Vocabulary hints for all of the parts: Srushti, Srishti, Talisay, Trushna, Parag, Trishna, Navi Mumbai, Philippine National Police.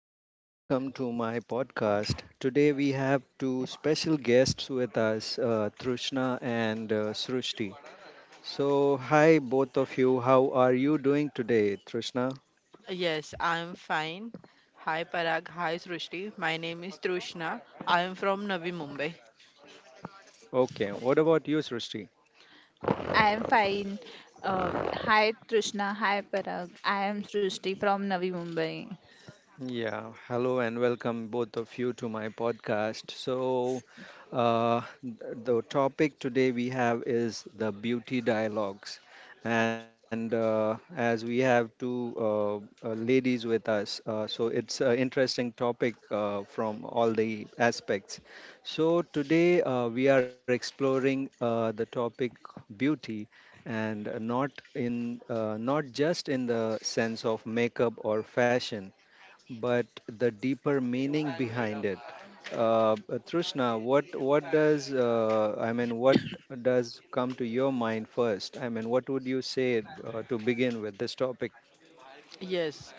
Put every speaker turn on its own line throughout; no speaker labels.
and welcome to my podcast. Today, we have two special guests with us, Trushna and Srushti. So, hi, both of you. How are you doing today, Trushna?
Yes, I am fine. Hi Parag, hi Srushti. My name is Trushna. I am from Navi Mumbai.
Okay. What about you, Srushti?
I am fine. Hi Trishna, hi Parag. I am Srishti from Navi Mumbai.
Yeah, hello and welcome both of you to my podcast. The topic today we have is the beauty dialogues. And as we have two ladies with us, so it's an interesting topic from all the aspects. So, today we are exploring the topic beauty, and not in not just in the sense of makeup or fashion, but the deeper meaning behind it. Uh, Trishna, what does I mean? What does come to your mind first? I mean, what would you say to begin with this topic?
Yes,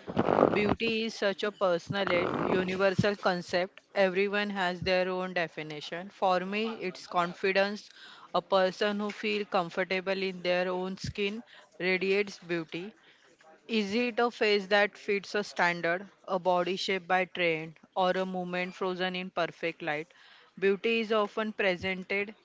beauty is such a personal yet universal concept. Everyone has their own definition. For me, it's confidence. A person who feels comfortable in their own skin radiates beauty. Is it a face that fits a standard, a body shape by trend, or a movement frozen in perfect light? Beauty is often presented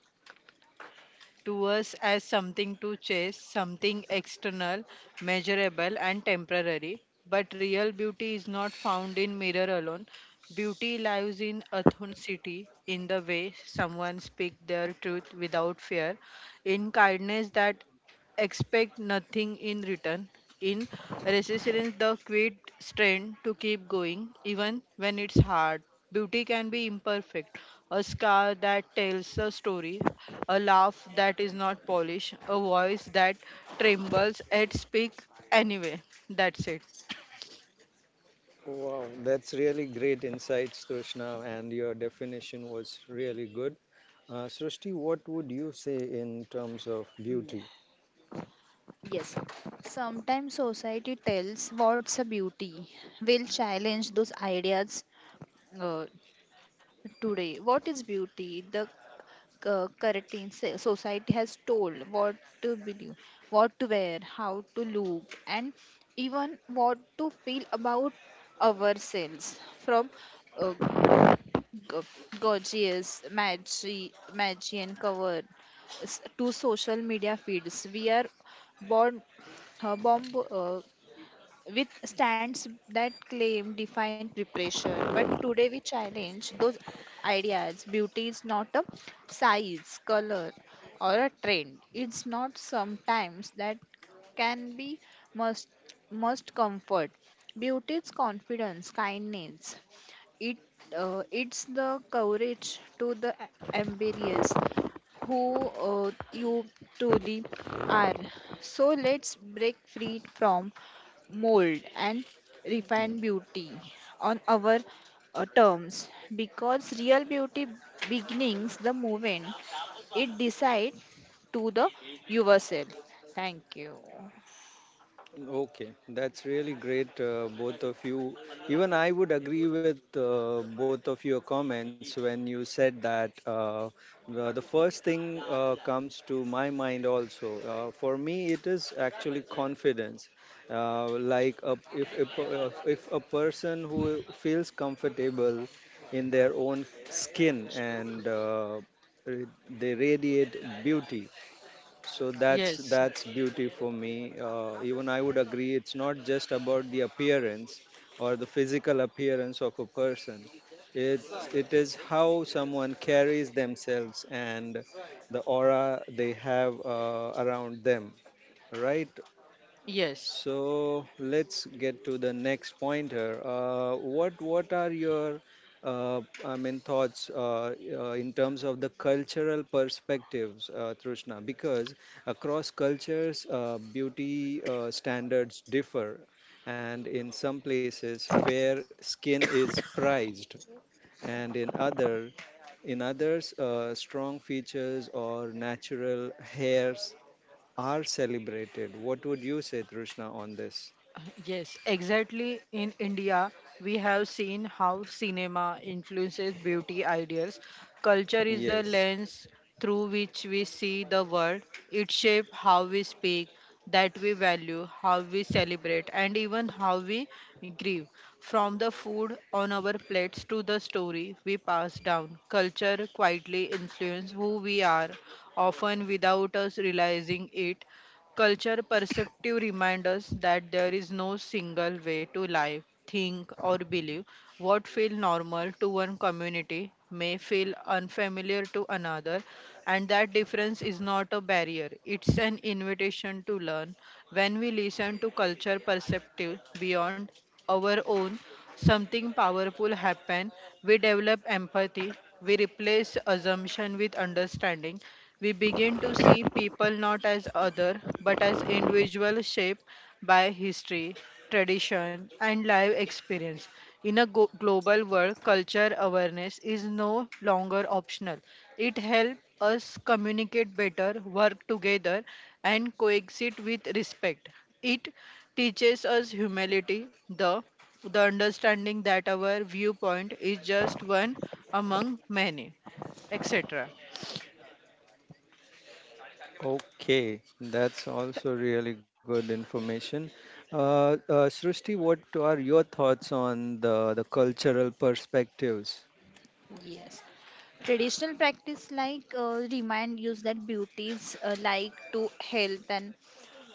to us as something to chase, something external, measurable, and temporary. But real beauty is not found in mirror alone. Beauty lies in authenticity, in the way someone speaks their truth without fear, in kindness that expect nothing in return, in resistance the quit strength to keep going even when it's hard. Beauty can be imperfect, a scar that tells a story, a laugh that is not polished, a voice that trembles at speak anyway. That's it.
Wow, that's really great insights, Trishna, and your definition was really good. Srishti, what would you say in terms of
Yeah.
beauty?
Yes. Sometimes society tells what's a beauty. We'll challenge those ideas uh, today. What is beauty? The curtain society has told what to believe, what to wear, how to look, and even what to feel about ourselves. From uh, g- gorgeous, magian cover to social media feeds, we are born, bomb, with stands that claim define preparation, but today we challenge those ideas. Beauty is not a size, color, or a trend. It's not sometimes that can be must must comfort. Beauty is confidence, kindness. It uh, it's the courage to the ambitious who you truly are. So let's break free from mold and refine beauty on our terms, because real beauty begins the moment it decides to the yourself. Thank you.
Okay, that's really great, both of you. Even I would agree with both of your comments when you said that. The first thing comes to my mind also. For me, it is actually confidence. Like a, if a person who feels comfortable in their own skin and they radiate beauty, so that's
Yes,
that's beauty for me. Even I would agree. It's not just about the appearance or the physical appearance of a person. It is how someone carries themselves and the aura they have around them. Right,
yes.
so let's get to the next point here. What are your thoughts in terms of the cultural perspectives, Trushna? Because across cultures, beauty standards differ, and in some places, fair skin is prized, and in others, strong features or natural hairs are celebrated. What would you say, Trushna, on this?
Yes, exactly. In India, we have seen how cinema influences beauty ideals. Culture is the
Yes.
lens through which we see the world. It shapes how we speak, that we value, how we celebrate, and even how we grieve. From the food on our plates to the story we pass down, culture quietly influences who we are, often without us realizing it. Culture perceptive remind us that there is no single way to live, think, or believe. What feels normal to one community may feel unfamiliar to another, and that difference is not a barrier. It's an invitation to learn. When we listen to culture perceptive beyond our own, something powerful happen. We develop empathy. We replace assumption with understanding we begin to see people not as other, but as individual shaped by history, tradition, and life experience. In a global world, culture awareness is no longer optional. It helps us communicate better, work together, and coexist with respect. It teaches us humility, the understanding that our viewpoint is just one among many, etc.
Okay, that's also really good information. Srishti, what are your thoughts on the cultural perspectives?
Yes. Traditional practice like remind us that beauty is like to health and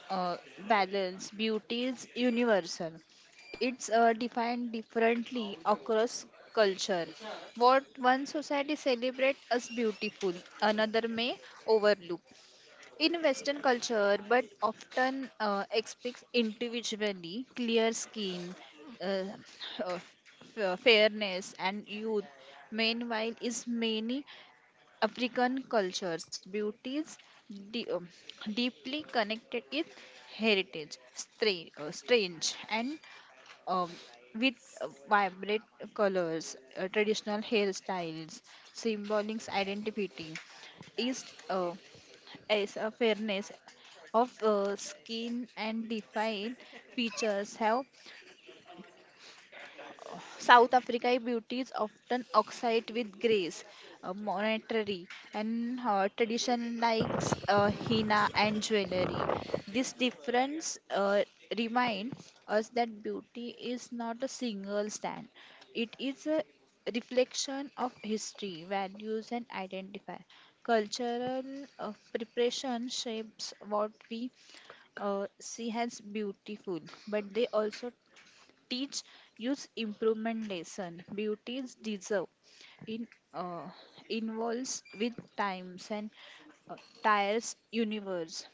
uh, balance. Beauty is universal. It's defined differently across culture. What one society celebrates as beautiful, another may overlook. In western culture, but often expects individually clear skin, uh, fairness and youth. Meanwhile is many African culture's beauties de- um, deeply connected its heritage, strange, and um, with vibrant colors, traditional hairstyles, symbolic identity, is uh, as a fairness of skin and defined features. Have South Africa beauty is often oxide with grace, monetary, and tradition likes henna and jewelry. This difference remind us that beauty is not a single stand; it is a reflection of history, values, and identity. Cultural preparation shapes what we see as beautiful, but they also teach use improvement lesson beauties deserve in uh, involves with times and uh, tires universe.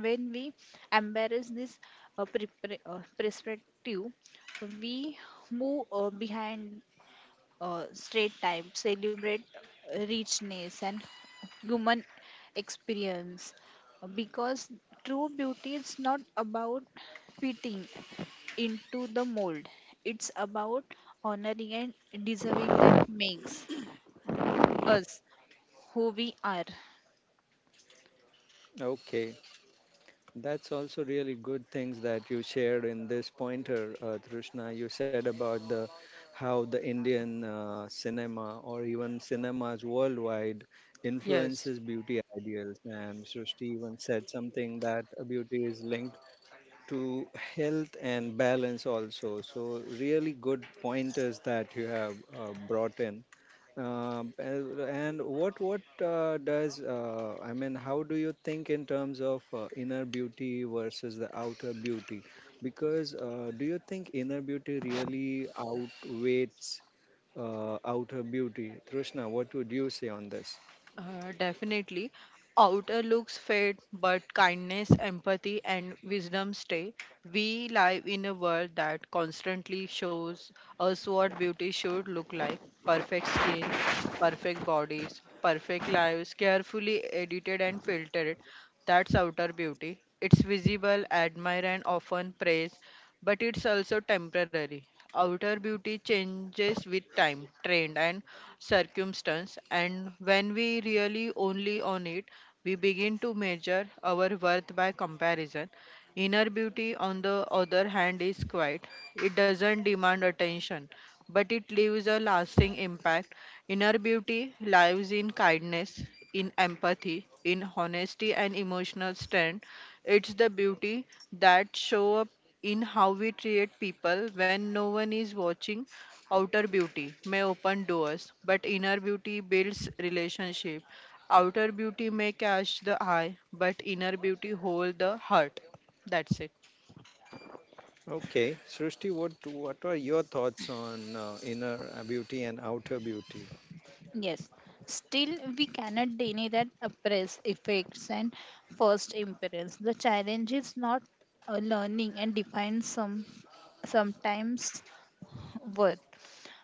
When we embrace this perspective, we move behind straight time, celebrate richness and human experience, because true beauty is not about fitting into the mold. It's about honoring and deserving that makes us who we are.
Okay, that's also really good things that you shared in this pointer, Trishna. You said about the how the Indian cinema or even cinemas worldwide
Yes.
influences beauty ideals, and Srishti even said something that beauty is linked to health and balance also. So really good pointers that you have brought in. And what does I mean? How do you think in terms of inner beauty versus the outer beauty? Because do you think inner beauty really outweighs outer beauty? Trishna, what would you say on this?
Definitely. Outer looks fade, but kindness, empathy, and wisdom stay. We live in a world that constantly shows us what beauty should look like perfect skin, perfect bodies, perfect lives, carefully edited and filtered. That's outer beauty. It's visible, admired, and often praised but it's also temporary. Outer beauty changes with time, trend, and circumstance, and when we really only own it, we begin to measure our worth by comparison. Inner beauty, on the other hand, is quiet. It doesn't demand attention, but it leaves a lasting impact. Inner beauty lives in kindness, in empathy, in honesty, and emotional strength. It's the beauty that shows up in how we treat people when no one is watching. Outer beauty may open doors, but inner beauty builds relationship. Outer beauty may catch the eye, but inner beauty hold the heart. That's it.
Okay, Srishti, what are your thoughts on inner beauty and outer beauty?
Yes. Still, we cannot deny that oppress effects and first impressions. The challenge is not learning and define sometimes worth.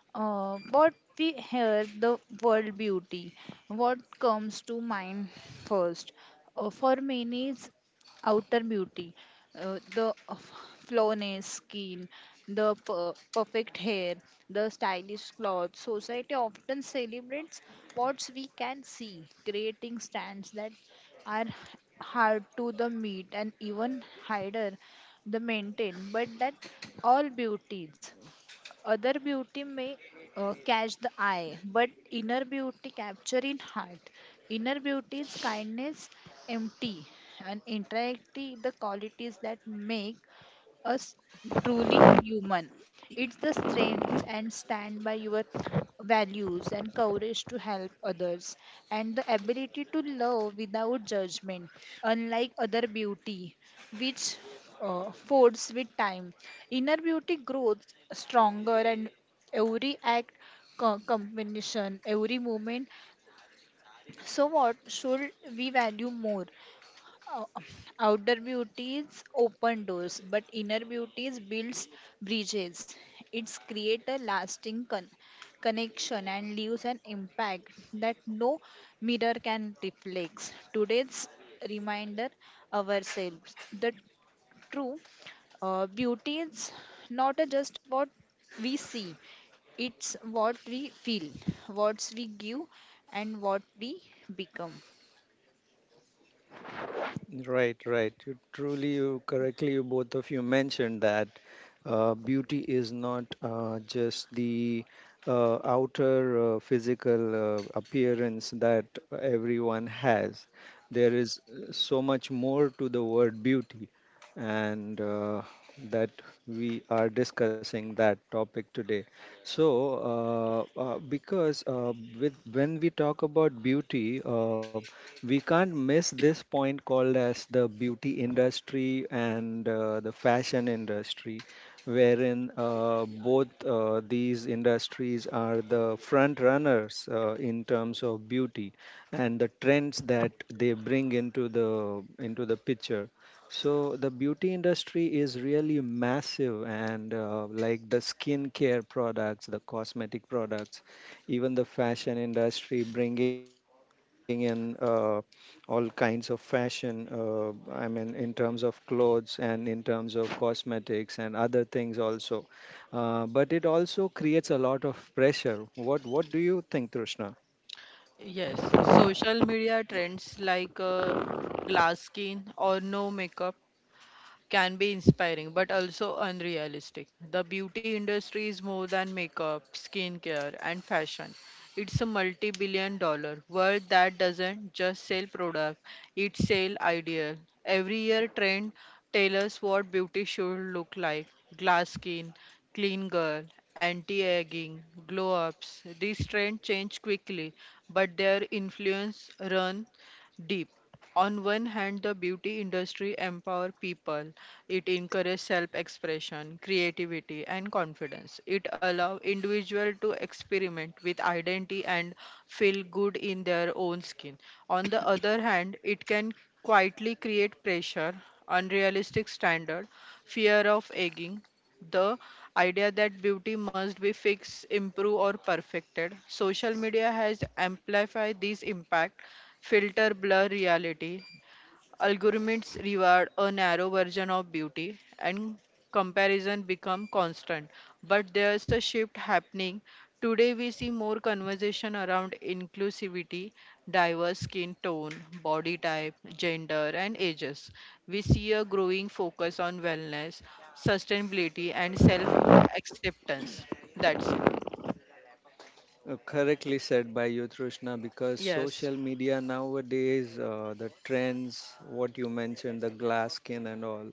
What we hear the world beauty. What comes to mind first? For many, it's outer beauty, the flawless skin, the perfect hair, the stylish clothes. Society often celebrates what we can see, creating stands that are hard to the meet and even harder the maintain, but that all beauties other beauty may catch the eye, but inner beauty capture in heart. Inner beauty is kindness, empty, and interactive the qualities that make us truly human. It's the strength and stand by your values and courage to help others and the ability to love without judgment, unlike other beauty which folds with time. Inner beauty grows stronger and every act combination every moment. So what should we value more uh, Outer beauty is open doors, but inner beauty is builds bridges. It's create a lasting connection and leaves an impact that no mirror can reflect. Today's reminder ourselves the true beauty is not a just what we see. It's what we feel, what we give, and what we become.
Right, right. You truly, you correctly, you both of you mentioned that beauty is not just the outer physical appearance that everyone has. There is so much more to the word beauty, and that we are discussing that topic today. So, because with when we talk about beauty, we can't miss this point called as the beauty industry and the fashion industry, wherein both these industries are the front runners in terms of beauty and the trends that they bring into the picture. So the beauty industry is really massive, and like the skincare products, the cosmetic products, even the fashion industry bringing in all kinds of fashion, in terms of clothes and in terms of cosmetics and other things also. But it also creates a lot of pressure. What do you think, Trishna?
Yes, social media trends like glass skin or no makeup can be inspiring but also unrealistic. The beauty industry is more than makeup, skincare, and fashion. It's a multi billion-dollar world that doesn't just sell product, it sells ideal. Every year, trend tell us what beauty should look like glass skin, clean girl, anti aging, glow ups. These trends change quickly, but their influence runs deep. On one hand, the beauty industry empower people it encourages self expression, creativity, and confidence. It allows individual to experiment with identity and feel good in their own skin. On the other hand, it can quietly create pressure, unrealistic standard, fear of egging, the idea that beauty must be fixed, improved, or perfected. Social media has amplified this impact, filter blur reality, algorithms reward a narrow version of beauty and comparison become constant. But there's a shift happening. Today we see more conversation around inclusivity, diverse skin tone, body type, gender and ages. We see a growing focus on wellness, sustainability and self acceptance. That's it.
Correctly said by you, Trishna, because
Yes.
social media nowadays, the trends, what you mentioned, the glass skin and all,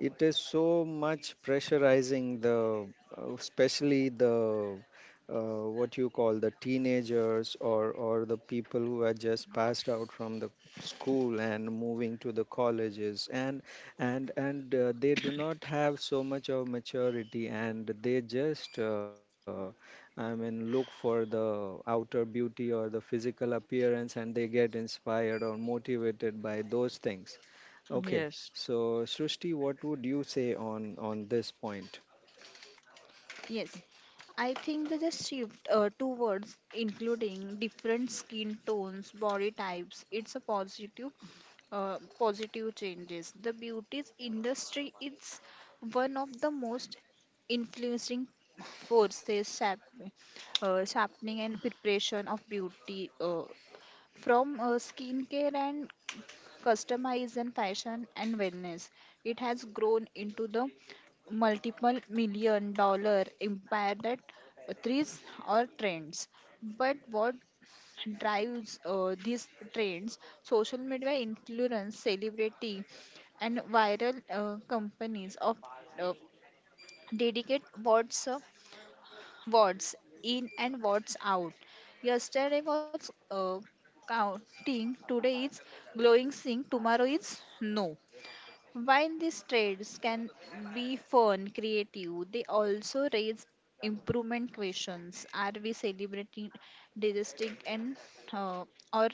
it is so much pressurizing the, especially the, uh, what you call the teenagers, or the people who are just passed out from the school and moving to the colleges, and they do not have so much of maturity, and they just. I mean, look for the outer beauty or the physical appearance, and they get inspired or motivated by those things. Okay,
Yes.
so Srishti, what would you say on this point?
Yes. I think they just shift towards including different skin tones, body types. It's a positive changes. The beauty industry is one of the most influencing forces shaping, sharpening and preparation of beauty from skincare and customization, fashion and wellness. It has grown into the multiple million dollar empire that thrives or trends. But what drives these trends? Social media influence, celebrity, and viral companies of uh, dedicate what's wards in and wards out. Yesterday was counting, today is glowing sing, tomorrow is no. While these trades can be fun, creative, they also raise improvement questions. Are we celebrating digesting and uh, or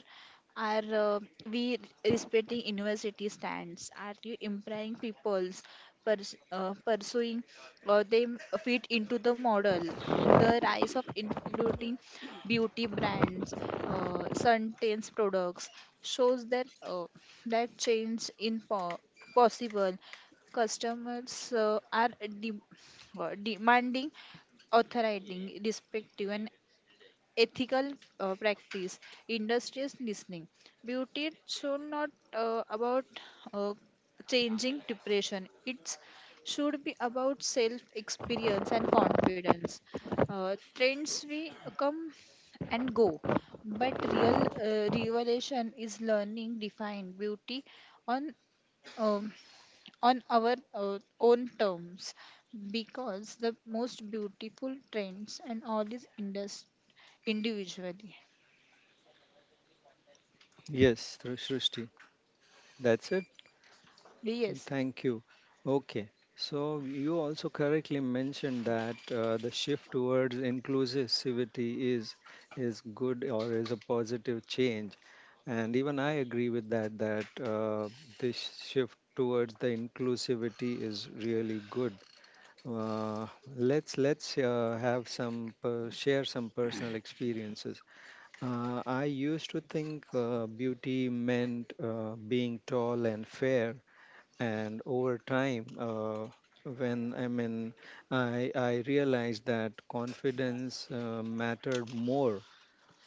are we respecting university stands? Are you employing people's pursuing, or they fit into the model? The rise of including beauty brands, suntans products shows that that change in possible. Customers are demanding authority, respective and ethical practice. Industries listening. Beauty should not about uh, changing depression. It should be about self experience and confidence. Trends we come and go, but real revelation is learning define beauty on um, on our own terms, because the most beautiful trends and all is individually.
Yes, Srishti, that's it.
Yes.
Thank you. Okay, so you also correctly mentioned that the shift towards inclusivity is is good or is a positive change. And even I agree with that, that this shift towards the inclusivity is really good. Uh, let's have some per share some personal experiences. I used to think beauty meant being tall and fair, and over time, when I mean, I realized that confidence mattered more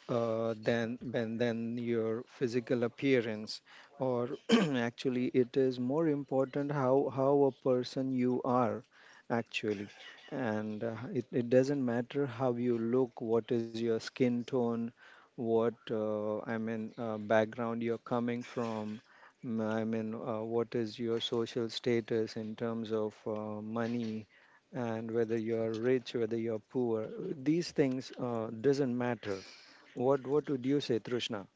than your physical appearance, or actually it is more important how a person you are, actually. And it doesn't matter how you look, what is your skin tone, what background you're coming from, what is your social status in terms of money, and whether you're rich, whether you're poor. These things doesn't matter. What would you say, Trishna?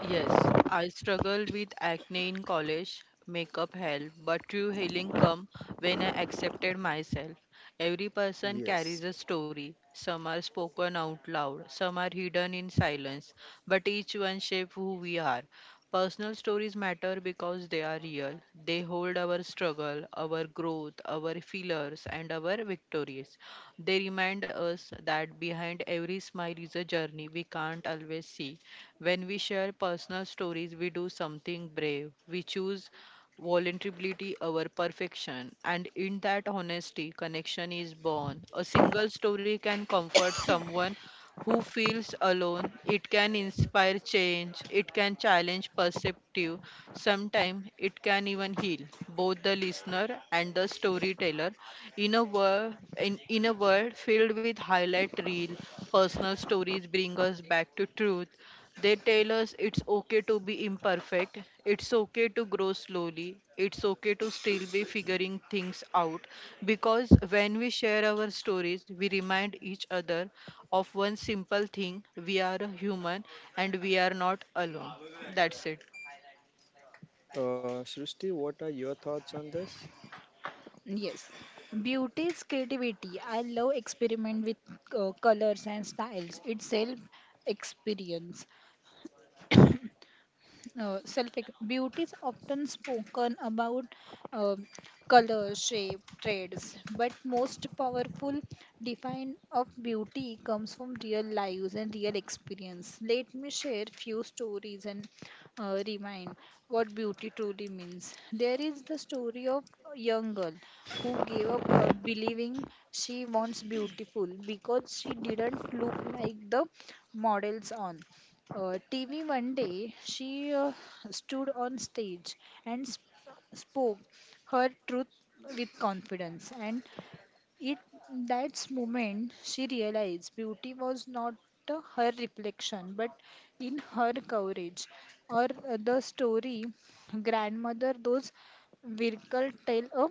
Yes, I struggled with acne in college, makeup helped, but true healing come when I accepted myself. Every person
Yes.
carries a story. Some are spoken out loud, some are hidden in silence, but each one shapes who we are. Personal stories matter because they are real. They hold our struggle, our growth, our failures, and our victories. They remind us that behind every smile is a journey we can't always see. When we share personal stories, we do something brave. We choose vulnerability over perfection. And in that honesty, connection is born. A single story can comfort someone who feels alone. It can inspire change. It can challenge perspective. Sometimes it can even heal both the listener and the storyteller. In a world in a world filled with highlight reel, personal stories bring us back to truth. They tell us it's okay to be imperfect, it's okay to grow slowly, it's okay to still be figuring things out. Because when we share our stories, we remind each other of one simple thing we are human and we are not alone. That's it.
Srishti, what are your thoughts on this?
Yes. Beauty is creativity. I love experiment with colors and styles. It's self experience. Self Beauty is often spoken about uh, color, shape, traits, but most powerful define of beauty comes from real lives and real experience. Let me share few stories and remind what beauty truly means. There is the story of a young girl who gave up believing she wants beautiful because she didn't look like the models on TV one day, she stood on stage and spoke her truth with confidence. And it that moment she realized beauty was not her reflection, but in her courage. Or the story grandmother, those Virkal tell a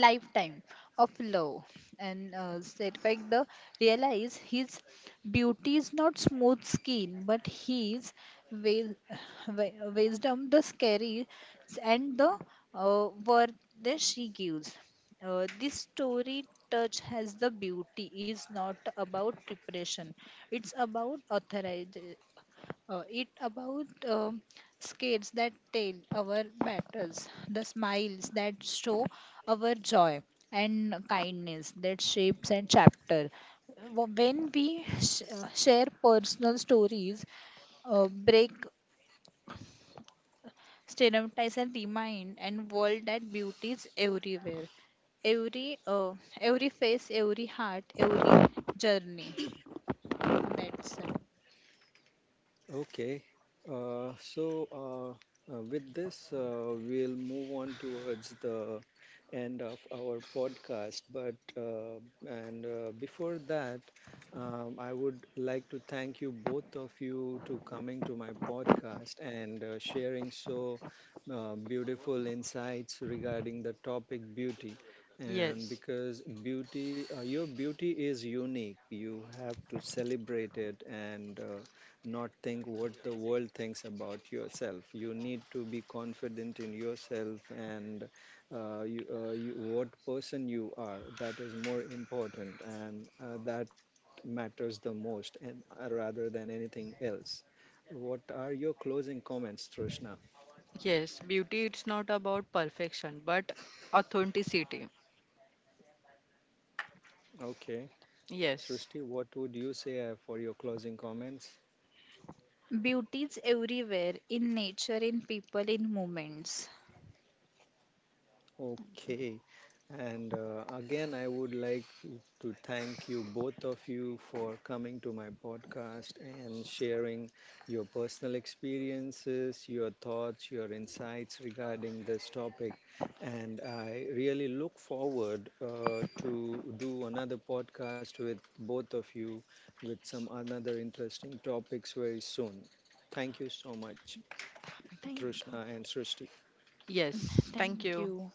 lifetime of love and said fact the realize his beauty is not smooth skin but his wi- wi- wisdom, the scary, and the word that she gives. This story touch has the beauty is not about repression. It's about authorize, it about scales that tell our battles, the smiles that show our joy, and kindness that shapes and chapter. When we share personal stories, break stereotypes, and remind and world that beauty is everywhere, every uh, every face, every heart, every journey. That's it.
Okay. So with this, we'll move on towards the end of our podcast. But, and before that, I would like to thank you both of you to coming to my podcast and sharing so beautiful insights regarding the topic beauty. And
Yes,
because beauty, your beauty is unique, you have to celebrate it and not think what the world thinks about yourself. You need to be confident in yourself, and you, what person you are. That is more important, and that matters the most, and, rather than anything else. What are your closing comments, Trishna?
yes, beauty it's not about perfection but authenticity.
Okay.
Yes.
Srishti, what would you say for your closing comments?
Beauty is everywhere, in nature, in people, in moments.
Okay. And again, I would like to thank you, both of you, for coming to my podcast and sharing your personal experiences, your thoughts, your insights regarding this topic. And I really look forward to do another podcast with both of you with some another interesting topics very soon. Thank you so much,
Thank you.
Trishna and Srishti.
Yes, thank
Thank
you.
you.